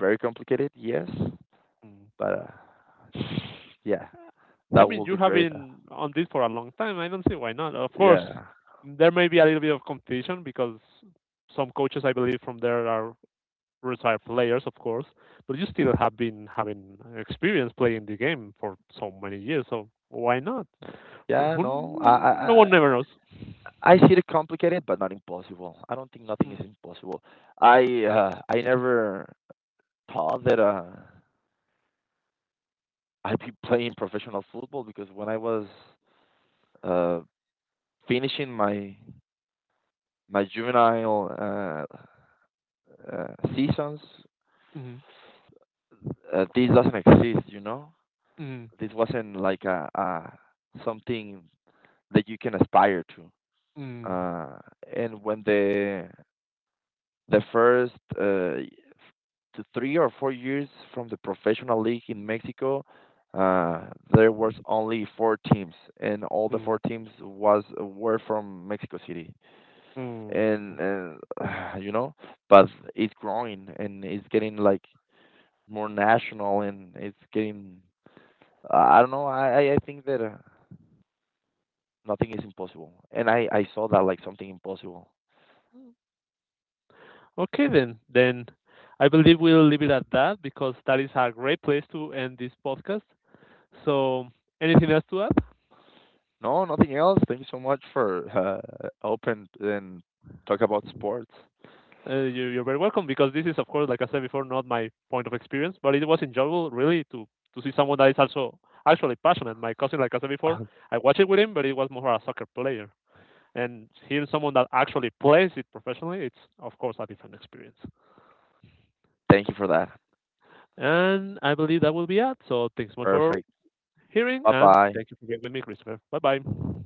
B: Very complicated, yes,
A: Mm.
B: but uh, [SIGHS] yeah,
A: I
B: that
A: mean,
B: will
A: you
B: be
A: have
B: great.
A: been on this for a long time. I don't see why not. Of course,
B: Yeah,
A: there may be a little bit of competition because some coaches, I believe, from there are retired players, of course, but you still have been having experience playing the game for so many years. So why not? Who,
B: yeah.
A: who,
B: No, I,
A: no
B: I,
A: one never knows.
B: I see it complicated, but not impossible. I don't think nothing
A: Mm,
B: is impossible. I never thought that I'd be [LAUGHS] playing professional football because when I was uh, finishing my my juvenile seasons,
A: mm,
B: this doesn't exist. You know,
A: mm,
B: this wasn't like a something that you can aspire to.
A: mm,
B: Uh, and when the first to 3 or 4 years from the professional league in Mexico, uh, there was only four teams, and all the
A: mm,
B: four teams was were from Mexico City,
A: mm.
B: and [SIGHS] you know, but it's growing and it's getting like more national, and it's getting I don't know I think that nothing is impossible, and I saw that like something impossible.
A: Okay, then. Then I believe we'll leave it at that because that is a great place to end this podcast. So, anything else to add?
B: No, nothing else. Thank you so much for open and talk about sports.
A: You're very welcome because this is, of course, like I said before, not my point of experience, but it was enjoyable really to see someone that is also actually passionate. My cousin, like I said before,
B: [LAUGHS]
A: I watched it with him, but he was more a soccer player. And hearing someone that actually plays it professionally, it's of course a different experience.
B: Thank you for that.
A: And I believe that will be it. So thanks so much for
B: Perfect.
A: hearing,
B: Bye
A: and
B: bye.
A: thank you for being with me, Christopher. Bye bye.